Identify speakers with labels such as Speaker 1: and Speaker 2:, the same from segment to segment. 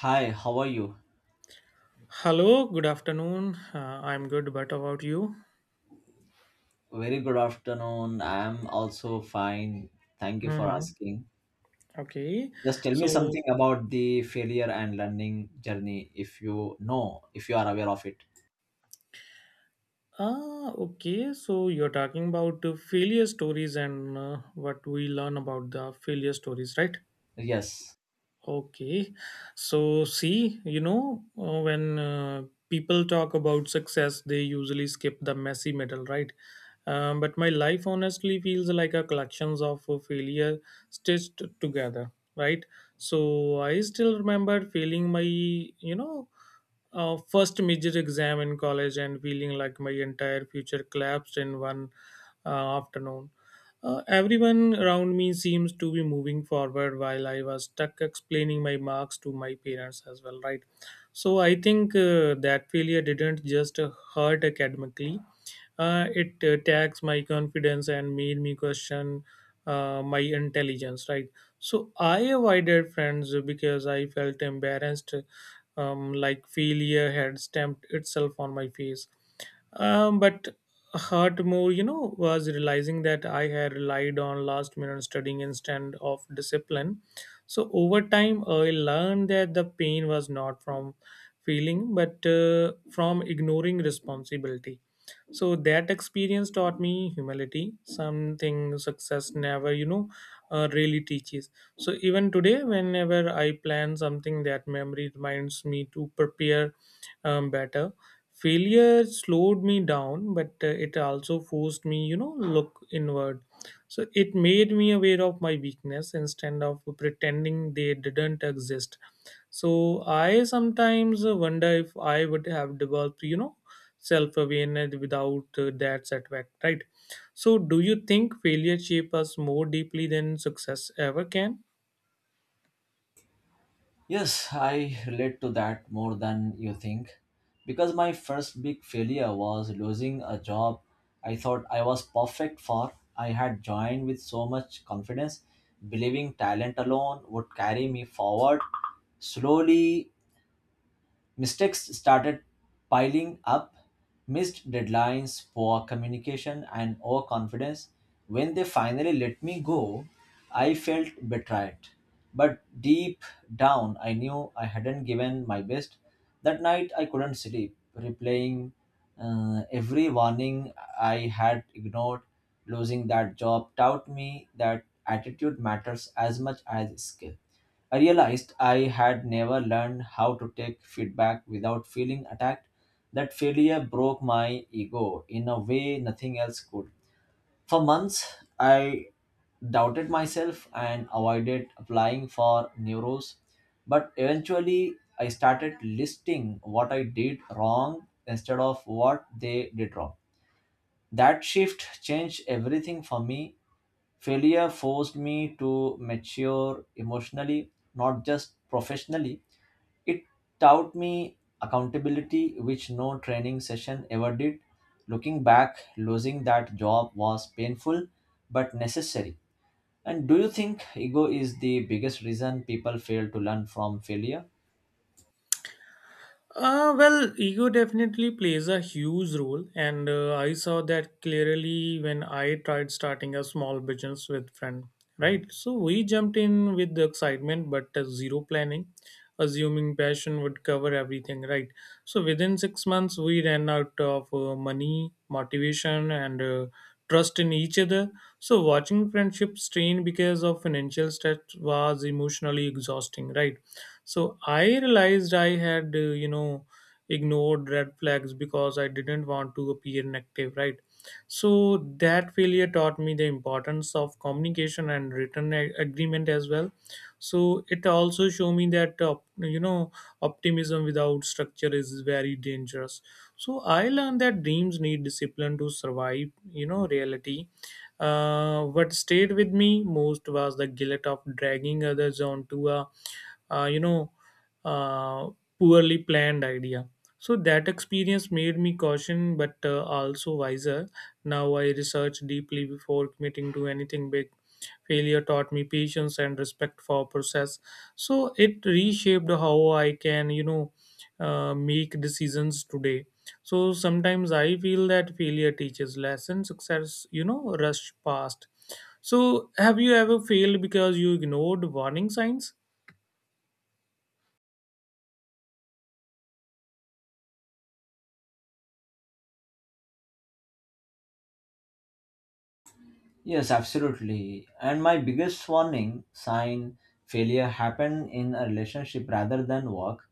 Speaker 1: Hi, how are you?
Speaker 2: Hello, good afternoon. I'm good, but about you?
Speaker 1: Very good afternoon. I'm also fine. Thank you for
Speaker 2: Hmm.
Speaker 1: asking.
Speaker 2: Okay.
Speaker 1: Just tell me
Speaker 2: So,
Speaker 1: something about the failure and learning journey, if you know, if you are aware of it.
Speaker 2: okay. So you're talking about failure stories and what we learn about the failure stories, right?
Speaker 1: Yes.
Speaker 2: Okay. So, see, when people talk about success, they usually skip the messy middle, right? But my life honestly feels like a collections of failure stitched together, right? So I still remember failing my first major exam in college and feeling like my entire future collapsed in one afternoon. Everyone around me seems to be moving forward while I was stuck explaining my marks to my parents as well, right? So I think that failure didn't just hurt academically, it attacks my confidence and made me question my intelligence, right? So I avoided friends because I felt embarrassed, like failure had stamped itself on my face. But hurt more, was realizing that I had relied on last minute studying instead of discipline. So over time, I learned that the pain was not from feeling, but from ignoring responsibility. So that experience taught me humility, something success never, really teaches. So even today, whenever I plan something, that memory reminds me to prepare better. Failure slowed me down, but it also forced me look inward. So it made me aware of my weakness instead of pretending they didn't exist. So I sometimes wonder if I would have developed self awareness without that setback, right? So do you think failure shapes us more deeply than success ever can?
Speaker 1: Yes, I relate to that more than you think, because my first big failure was losing a job I thought I was perfect for. I had joined with so much confidence, believing talent alone would carry me forward. Slowly, mistakes started piling up, missed deadlines, poor communication, and overconfidence. When they finally let me go, I felt betrayed. But deep down, I knew I hadn't given my best. That night, I couldn't sleep, replaying every warning I had ignored. Losing that job taught me that attitude matters as much as skill. I realized I had never learned how to take feedback without feeling attacked. That failure broke my ego in a way nothing else could. For months, I doubted myself and avoided applying for new roles. But eventually, I started listing what I did wrong instead of what they did wrong. That shift changed everything for me. Failure forced me to mature emotionally, not just professionally. It taught me accountability, which no training session ever did. Looking back, losing that job was painful but necessary. And do you think ego is the biggest reason people fail to learn from failure?
Speaker 2: Well, ego definitely plays a huge role, and I saw that clearly when I tried starting a small business with friend. Right, so we jumped in with the excitement, but zero planning, assuming passion would cover everything. Right, so within 6 months we ran out of money, motivation, and trust in each other. So watching friendship strain because of financial stress was emotionally exhausting. Right, so I realized I had, ignored red flags because I didn't want to appear negative, right? So that failure taught me the importance of communication and written agreement as well. So it also showed me that, optimism without structure is very dangerous. So I learned that dreams need discipline to survive, reality. What stayed with me most was the guilt of dragging others onto a uh, you know, uh, poorly planned idea. So that experience made me caution, but also wiser. Now I research deeply before committing to anything big. Failure taught me patience and respect for process. So it reshaped how I can, make decisions today. So sometimes I feel that failure teaches lessons success, rush past. So have you ever failed because you ignored warning signs?
Speaker 1: Yes, absolutely. And my biggest warning sign failure happened in a relationship rather than work.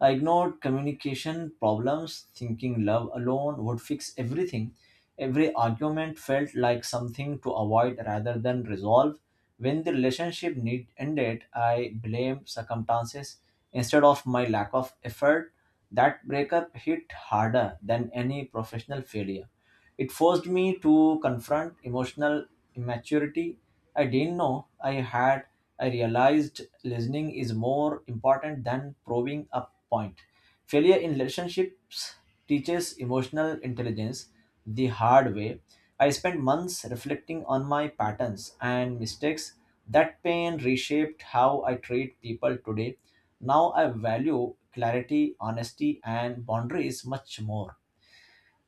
Speaker 1: I ignored communication problems, thinking love alone would fix everything. Every argument felt like something to avoid rather than resolve. When the relationship need ended, I blamed circumstances instead of my lack of effort. That breakup hit harder than any professional failure. It forced me to confront emotional immaturity I didn't know I had. I realized listening is more important than proving a point. Failure in relationships teaches emotional intelligence the hard way. I spent months reflecting on my patterns and mistakes. That pain reshaped how I treat people today. Now I value clarity, honesty, and boundaries much more.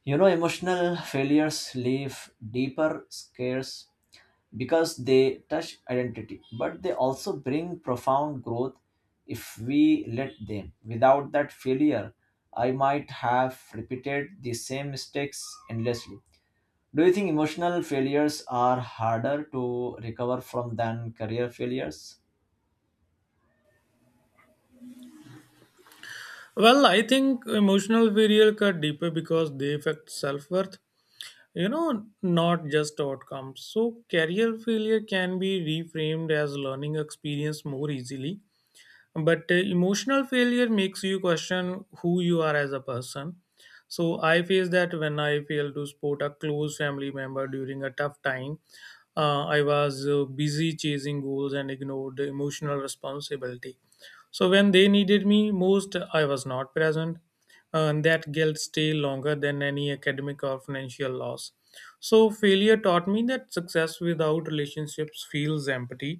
Speaker 1: You know, emotional failures leave deeper scares because they touch identity, but they also bring profound growth if we let them. Without that failure, I might have repeated the same mistakes endlessly. Do you think emotional failures are harder to recover from than career failures?
Speaker 2: Well, I think emotional burial cut deeper because they affect self worth, not just outcomes. So, career failure can be reframed as learning experience more easily, but emotional failure makes you question who you are as a person. So I faced that when I failed to support a close family member during a tough time. I was busy chasing goals and ignored the emotional responsibility. So when they needed me most, I was not present. And that guilt stay longer than any academic or financial loss. So failure taught me that success without relationships feels empty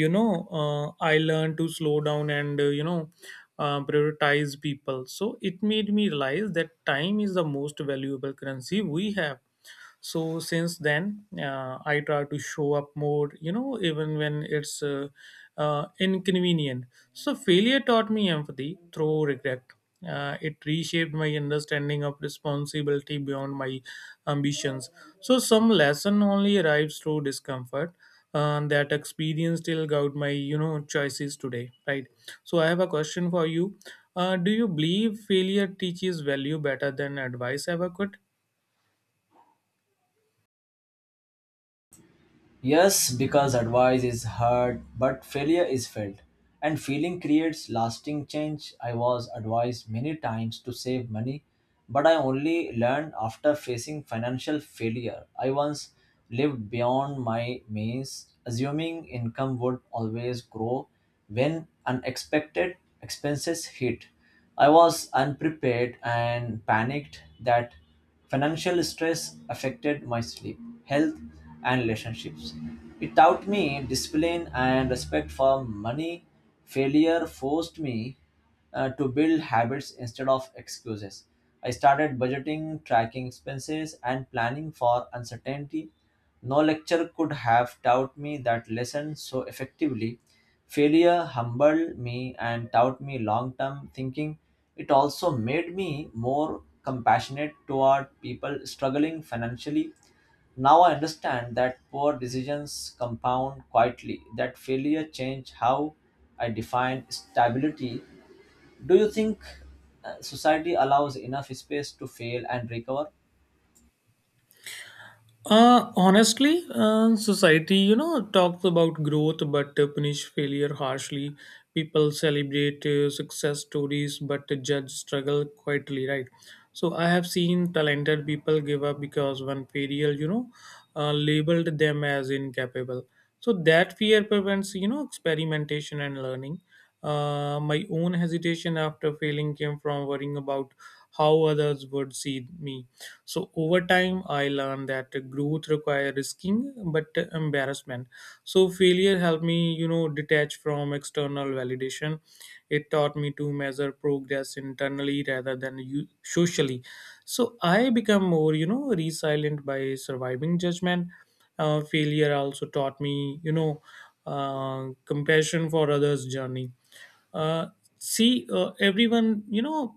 Speaker 2: you know I learned to slow down and prioritize people. So it made me realize that time is the most valuable currency we have. So since then, I try to show up more, even when it's inconvenient. So failure taught me empathy through regret. It reshaped my understanding of responsibility beyond my ambitions. So some lesson only arrives through discomfort. That experience still guide my choices today, right? So I have a question for you. Do you believe failure teaches value better than advice ever could?
Speaker 1: Yes, because advice is heard, but failure is felt, and feeling creates lasting change. I was advised many times to save money, but I only learned after facing financial failure. I once lived beyond my means, assuming income would always grow when unexpected expenses hit. I was unprepared and panicked that financial stress affected my sleep, health, and relationships. It taught me discipline and respect for money. Failure forced me to build habits instead of excuses. I started budgeting, tracking expenses, and planning for uncertainty. No lecture could have taught me that lesson so effectively. Failure humbled me and taught me long term thinking. It also made me more compassionate toward people struggling financially. Now I understand that poor decisions compound quietly, that failure changed how I define stability. Do you think society allows enough space to fail and recover?
Speaker 2: Honestly, society, talks about growth but punish failure harshly. People celebrate success stories but judge struggle quietly, right? So I have seen talented people give up because one failure, labeled them as incapable. So that fear prevents, experimentation and learning. My own hesitation after failing came from worrying about how others would see me. So over time, I learned that growth requires risking, but embarrassment. So failure helped me, detach from external validation. It taught me to measure progress internally rather than socially. So I become more, resilient by surviving judgment. Failure also taught me, compassion for others' journey. Uh, see, everyone,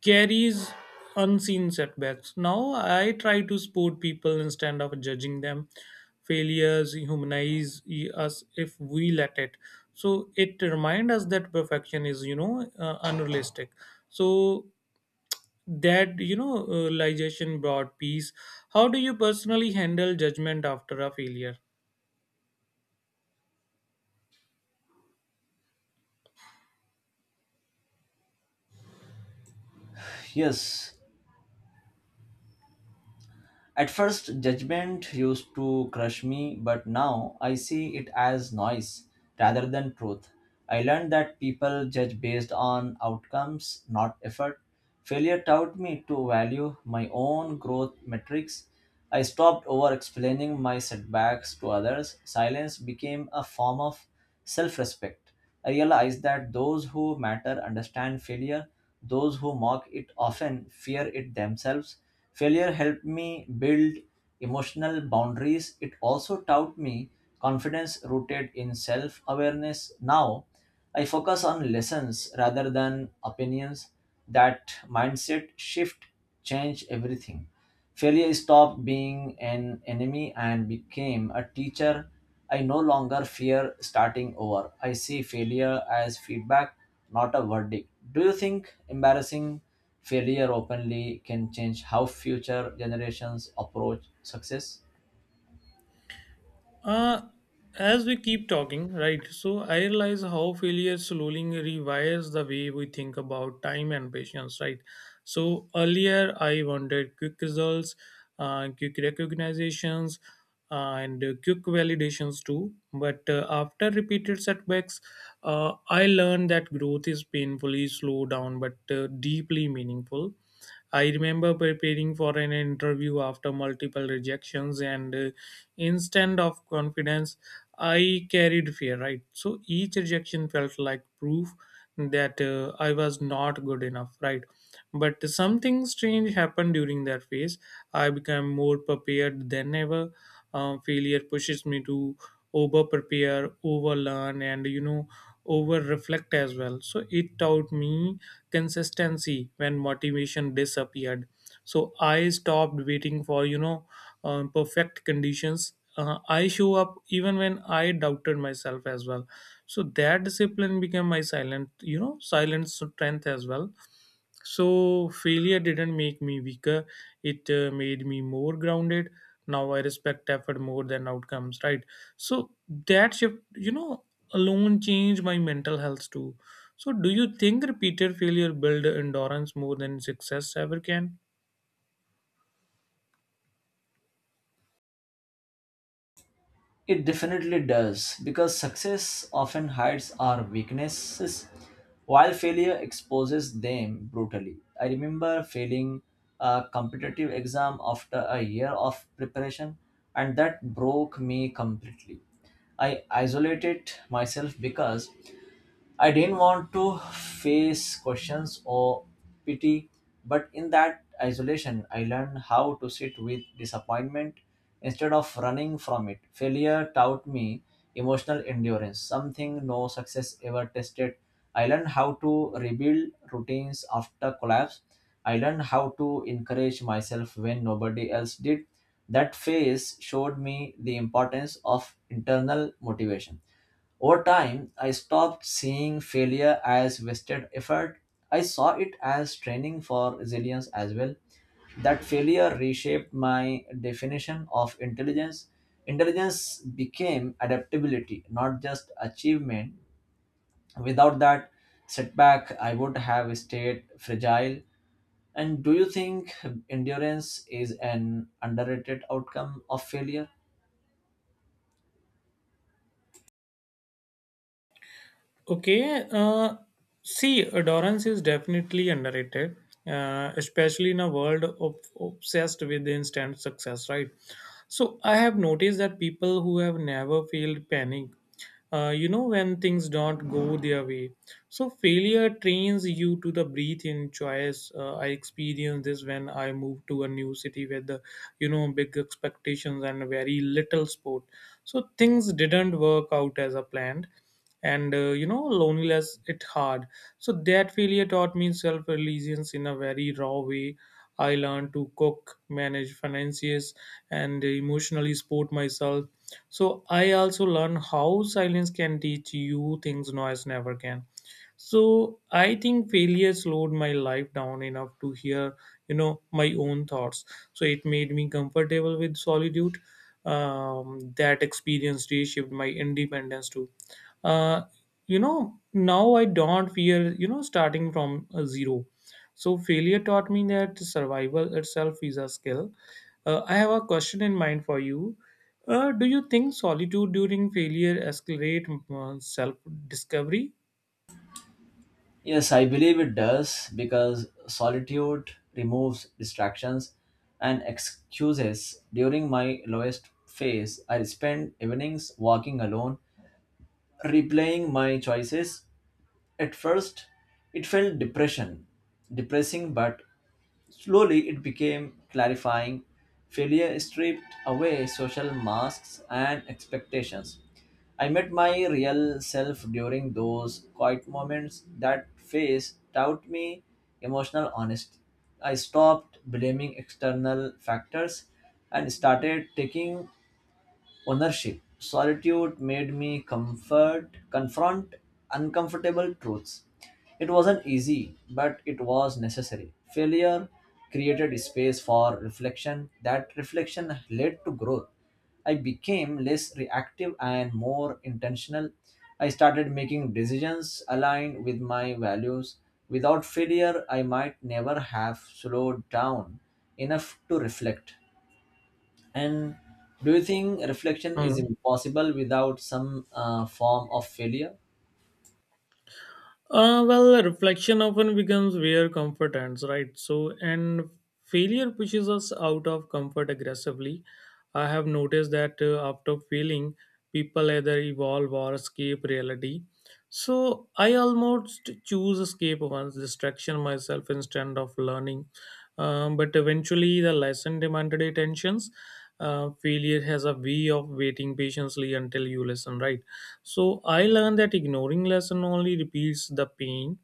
Speaker 2: carries unseen setbacks. Now I try to support people instead of judging them. Failures humanize us if we let it. So it reminds us that perfection is, unrealistic. So that realization brought peace. How do you personally handle judgment after a failure?
Speaker 1: Yes. At first, judgment used to crush me, but now I see it as noise rather than truth. I learned that people judge based on outcomes, not effort. Failure taught me to value my own growth metrics. I stopped over explaining my setbacks to others. Silence became a form of self respect. Realize that those who matter understand failure, those who mock it often fear it themselves. Failure helped me build emotional boundaries. It also taught me confidence rooted in self awareness. Now, I focus on lessons rather than opinions. That mindset shift changed everything. Failure stopped being an enemy and became a teacher. I no longer fear starting over. I see failure as feedback, not a verdict. Do you think embarrassing failure openly can change how future generations approach success?
Speaker 2: Uh, as we keep talking, right, so I realize how failure slowly rewires the way we think about time and patience, right? So earlier I wanted quick results, quick recognitions, and quick validations too. But after repeated setbacks, I learned that growth is painfully slow down but deeply meaningful. I remember preparing for an interview after multiple rejections, and instead of confidence, I carried fear, right? So each rejection felt like proof that I was not good enough, right? But something strange happened during that phase. I became more prepared than ever. Failure pushes me to over prepare, over learn, and over reflect as well. So it taught me consistency when motivation disappeared. So I stopped waiting for perfect conditions. I show up even when I doubted myself as well. So that discipline became my silent you know silent strength as well. So failure didn't make me weaker. It made me more grounded. Now I respect effort more than outcomes, right? So that shift, alone changed my mental health too. So, do you think repeated failure build endurance more than success ever can?
Speaker 1: It definitely does, because success often hides our weaknesses while failure exposes them brutally. I remember failing a competitive exam after a year of preparation, and that broke me completely. I isolated myself because I didn't want to face questions or pity, but in that isolation, I learned how to sit with disappointment instead of running from it. Failure taught me emotional endurance, something no success ever tested. I learned how to rebuild routines after collapse. I learned how to encourage myself when nobody else did. That phase showed me the importance of internal motivation. Over time, I stopped seeing failure as wasted effort. I saw it as training for resilience as well. That failure reshaped my definition of intelligence. Intelligence became adaptability, not just achievement. Without that setback, I would have stayed fragile. And do you think endurance is an underrated outcome of failure?
Speaker 2: Okay, see, endurance is definitely underrated, especially in a world of obsessed with instant success, right? So, I have noticed that people who have never failed panic when things don't go their way. So failure trains you to the breathe in choice. I experienced this when I moved to a new city with the big expectations and very little support. So things didn't work out as a planned. And loneliness it hard. So that failure taught me self reliance in a very raw way. I learned to cook manage finances and emotionally support myself. So I also learn how silence can teach you things noise never can. So I think failure slowed my life down enough to hear my own thoughts. So it made me comfortable with solitude. That experience reshaped my independence too. uh, Now I don't fear starting from a zero. So failure taught me that survival itself is a skill. I have a question in mind for you. Do you think solitude during failure accelerate self discovery?
Speaker 1: Yes, I believe it does because solitude removes distractions and excuses. During my lowest phase, I spend evenings walking alone, replaying my choices. At first, it felt depressing, but slowly, it became clarifying. Failure stripped away social masks and expectations. I met my real self during those quiet moments. That phase taught me emotional honesty. I stopped blaming external factors and started taking ownership. Solitude made me confront uncomfortable truths. It wasn't easy, but it was necessary. Failure created space for reflection. That reflection led to growth. I became less reactive and more intentional. I started making decisions aligned with my values. Without failure, I might never have slowed down enough to reflect. And do you think reflection is impossible without some form of failure?
Speaker 2: Well, reflection often becomes where comfort ends, right? So, and failure pushes us out of comfort aggressively. I have noticed that after failing, people either evolve or escape reality. So, I almost choose escape once, distraction myself instead of learning. But eventually, the lesson demanded attentions. Failure has a way of waiting patiently until you listen, right? So I learned that ignoring lesson only repeats the pain.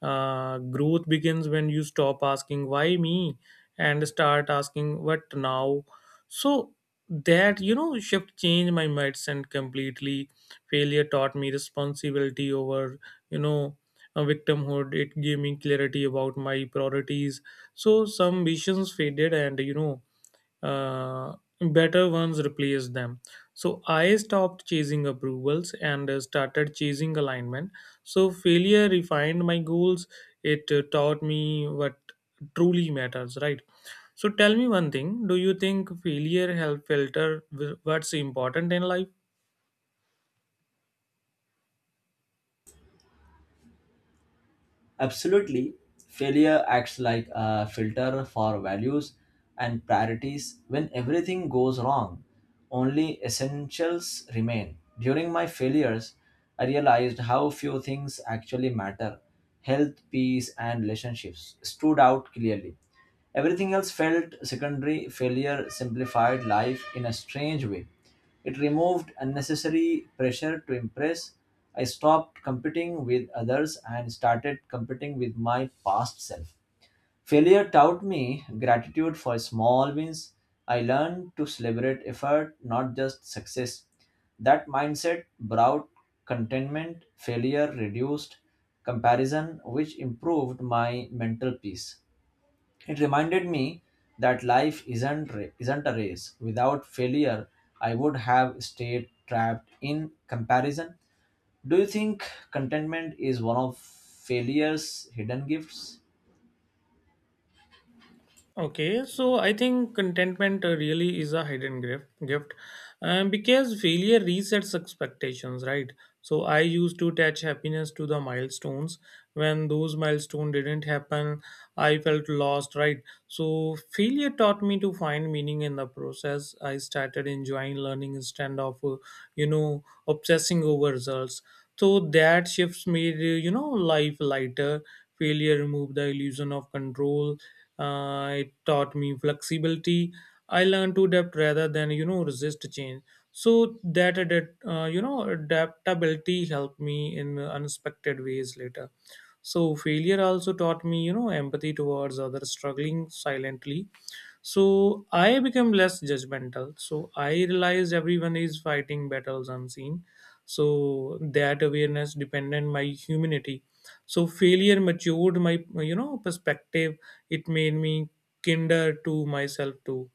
Speaker 2: Growth begins when you stop asking why me and start asking what now. So that shift changed my mindset completely. Failure taught me responsibility over you know victimhood. It gave me clarity about my priorities. So some visions faded, and uh, better ones replace them. So I stopped chasing approvals and started chasing alignment. So failure refined my goals. It taught me what truly matters, right? So tell me one thing. Do you think failure help filter what's important in life?
Speaker 1: Absolutely. Failure acts like a filter for values and priorities. When everything goes wrong, only essentials remain. During my failures, I realized how few things actually matter. Health, peace, and relationships stood out clearly. Everything else felt secondary. Failure simplified life in a strange way. It removed unnecessary pressure to impress. I stopped competing with others and started competing with my past self. Failure taught me gratitude for small wins. I learned to celebrate effort, not just success. That mindset brought contentment. Failure reduced comparison, which improved my mental peace. It reminded me that life isn't a race. Without failure, I would have stayed trapped in comparison. Do you think contentment is one of failure's hidden gifts?
Speaker 2: Okay, so I think contentment really is a hidden gift, because failure resets expectations, right? So I used to attach happiness to the milestones. When those milestones didn't happen, I felt lost, right? So failure taught me to find meaning in the process. I started enjoying learning instead of, obsessing over results. So that shifts made, life lighter. Failure removed the illusion of control. It taught me flexibility. I learned to adapt rather than resist change. So that adapt, adaptability helped me in unexpected ways later. So failure also taught me empathy towards others struggling silently. So I became less judgmental. So I realized everyone is fighting battles unseen. So that awareness depended my humanity. So failure matured my perspective. It made me kinder to myself too.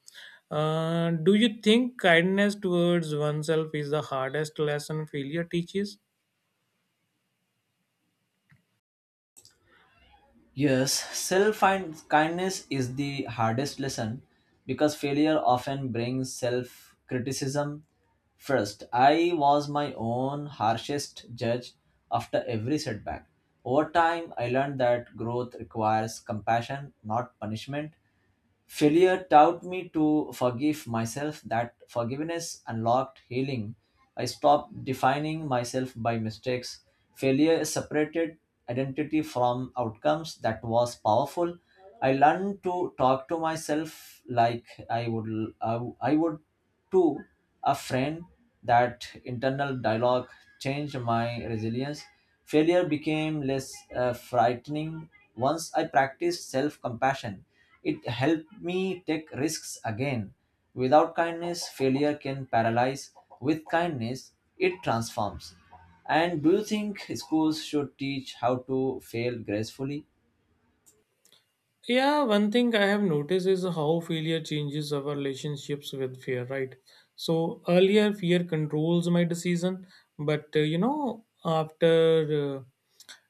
Speaker 2: Do you think kindness towards oneself is the hardest lesson failure teaches?
Speaker 1: Yes, self and kindness is the hardest lesson because failure often brings self criticism first. I was my own harshest judge after every setback. Over time, I learned that growth requires compassion, not punishment. Failure taught me to forgive myself. That forgiveness unlocked healing. I stopped defining myself by mistakes. Failure separated identity from outcomes. That was powerful. I learned to talk to myself like I would to a friend. That internal dialogue changed my resilience. Failure became less frightening once I practiced self compassion. It helped me take risks again. Without kindness, failure can paralyze. With kindness, it transforms. And do you think schools should teach how to fail gracefully?
Speaker 2: Yeah, one thing I have noticed is how failure changes our relationships with fear, right? So earlier, fear controls my decision, but after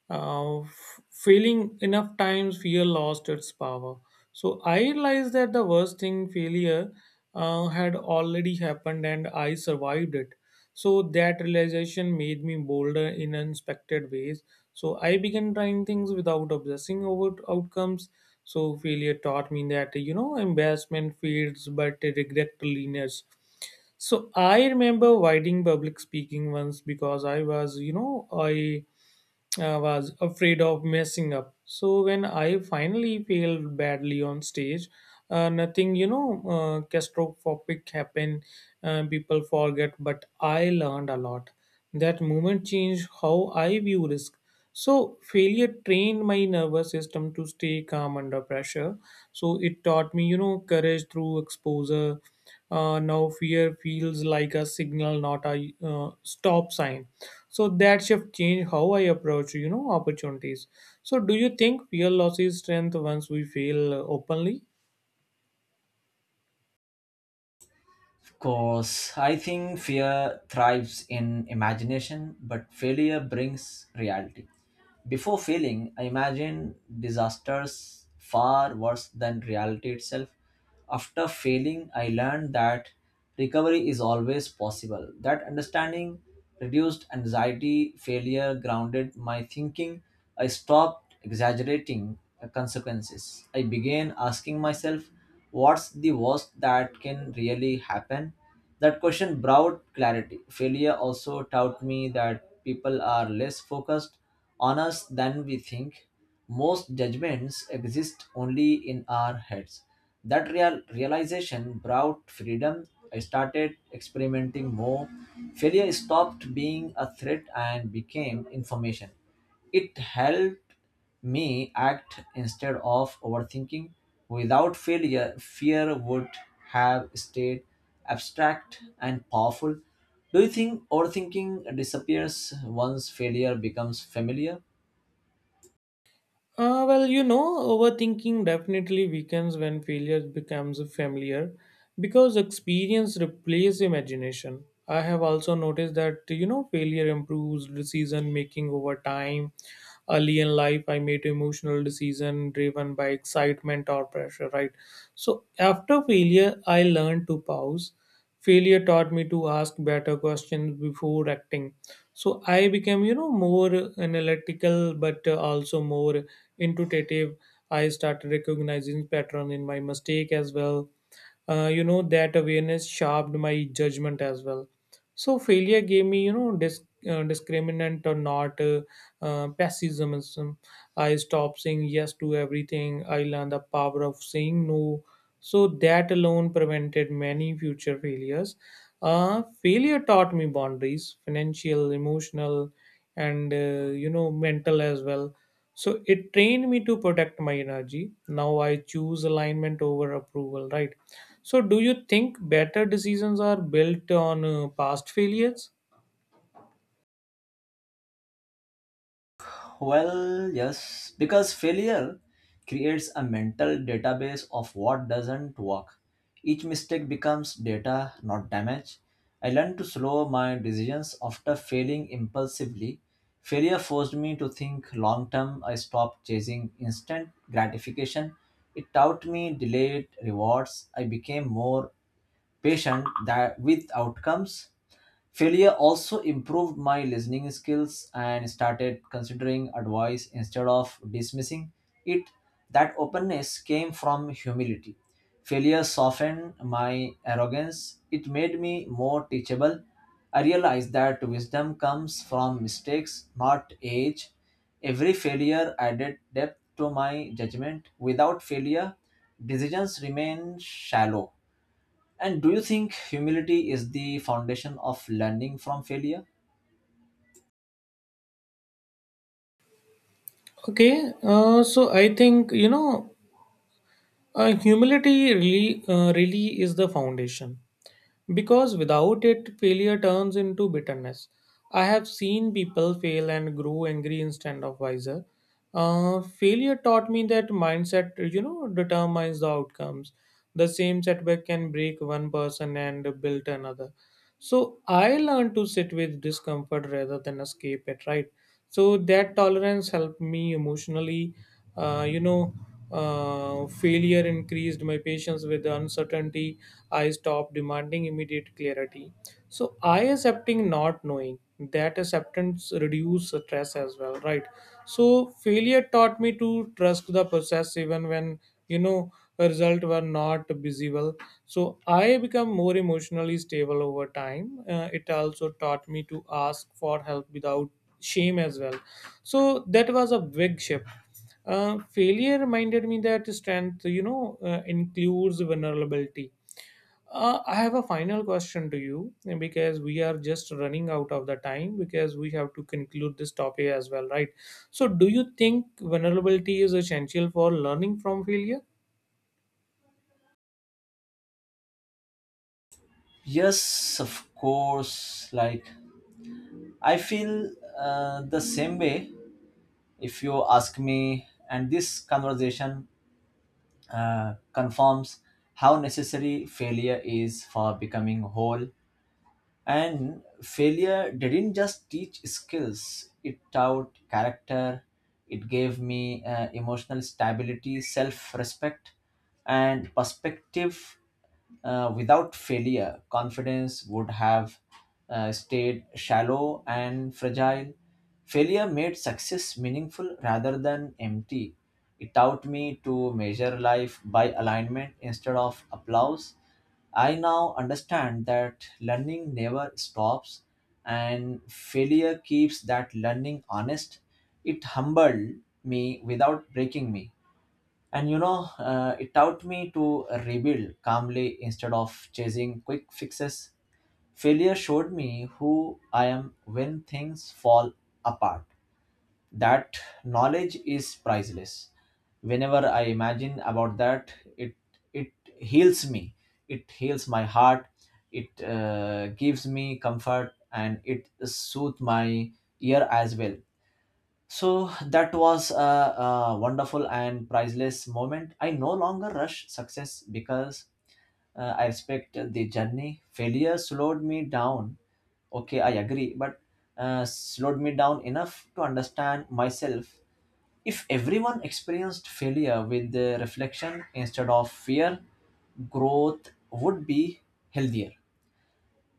Speaker 2: failing enough times, fear lost its power. So I realized that the worst thing, failure, had already happened and I survived it. So that realization made me bolder in unexpected ways. So I began trying things without obsessing over outcomes. So failure taught me that embarrassment fades, but regret lingers. So I remember riding public speaking once because I was you know I was afraid of messing up. So when I finally failed badly on stage, nothing, catastrophic happened. People forget, but I learned a lot. That moment changed how I view risk. So failure trained my nervous system to stay calm under pressure. So it taught me, courage through exposure. Now fear feels like a signal, not a stop sign. So that shift changed how I approach, opportunities. So do you think fear loses strength once we fail openly?
Speaker 1: Because I think fear thrives in imagination, but failure brings reality. Before failing, I imagine disasters far worse than reality itself. After failing, I learned that recovery is always possible. That understanding reduced anxiety. Failure grounded my thinking. I stopped exaggerating consequences. I began asking myself, what's the worst that can really happen? That question brought clarity. Failure also taught me that people are less focused on us than we think. Most judgments exist only in our heads. That real realization brought freedom. I started experimenting more. Failure stopped being a threat and became information. It helped me act instead of overthinking. Without failure, fear would have stayed abstract and powerful. Do you think overthinking disappears once failure becomes familiar?
Speaker 2: Well, overthinking definitely weakens when failure becomes familiar because experience replaces imagination. I have also noticed that, failure improves decision making over time. Early in life, I made emotional decision driven by excitement or pressure, right? So after failure, I learned to pause. Failure taught me to ask better questions before acting. So I became more analytical, but also more intuitive. I started recognizing pattern in my mistake as well. That awareness sharpened my judgment as well. So failure gave me discriminant or not pessimism. I stopped saying yes to everything. I learned the power of saying no. So that alone prevented many future failures. Failure taught me boundaries, financial, emotional, and mental as well. So it trained me to protect my energy. Now I choose alignment over approval, right? So do you think better decisions are built on past failures?
Speaker 1: Well, yes, because failure creates a mental database of what doesn't work. Each mistake becomes data, not damage. I learned to slow my decisions after failing impulsively. Failure forced me to think long term. I stopped chasing instant gratification. It taught me delayed rewards. I became more patient that with outcomes. Failure also improved my listening skills and started considering advice instead of dismissing it. That openness came from humility. Failure softened my arrogance, it made me more teachable. I realized that wisdom comes from mistakes, not age. Every failure added depth to my judgment. Without failure, decisions remain shallow. And do you think humility is the foundation of learning from failure?
Speaker 2: Okay, so I think humility really, really is the foundation because without it, failure turns into bitterness. I have seen people fail and grow angry instead of wiser. Failure taught me that mindset, determines the outcomes. The same setback can break one person and build another. So I learned to sit with discomfort rather than escape it, right? So that tolerance helped me emotionally. Uh, you know, Failure increased my patience with the uncertainty. I stopped demanding immediate clarity. So I accepting not knowing. That acceptance reduced stress as well, right? So failure taught me to trust the process even when you know result were not visible. So I become more emotionally stable over time. It also taught me to ask for help without shame as well. So that was a big shift. Failure reminded me that strength, includes vulnerability. I have a final question to you because we are just running out of the time, because we have to conclude this topic as well, right? So, do you think vulnerability is essential for learning from failure?
Speaker 1: Yes, of course. Like, I feel the same way if you ask me, and this conversation confirms how necessary failure is for becoming whole. And failure didn't just teach skills, it taught character, it gave me emotional stability, self respect, and perspective. Without failure, confidence would have stayed shallow and fragile. Failure made success meaningful rather than empty. It taught me to measure life by alignment instead of applause. I now understand that learning never stops, and failure keeps that learning honest. It humbled me without breaking me. And you know, it taught me to rebuild calmly instead of chasing quick fixes. Failure showed me who I am when things fall apart. That knowledge is priceless. Whenever I imagine about that, it heals me. It heals my heart. It gives me comfort and it soothes my ear as well. So that was a wonderful and priceless moment. I no longer rush success because I respect the journey. Failure slowed me down. Okay, I agree, but slowed me down enough to understand myself. If everyone experienced failure with the reflection instead of fear, growth would be healthier.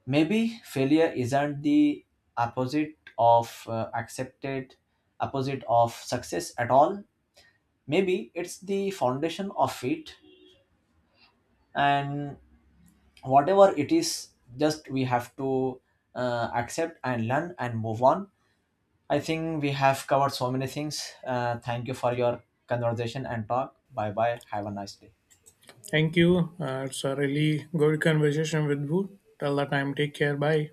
Speaker 1: Maybe failure isn't the opposite of uh, accepted opposite of success at all. Maybe it's the foundation of it, and whatever it is, just we have to accept and learn and move on. I think we have covered so many things. Thank you for your conversation and talk. Bye bye. Have a nice day.
Speaker 2: Thank you. It's a really good conversation with you. Till the time, take care. Bye.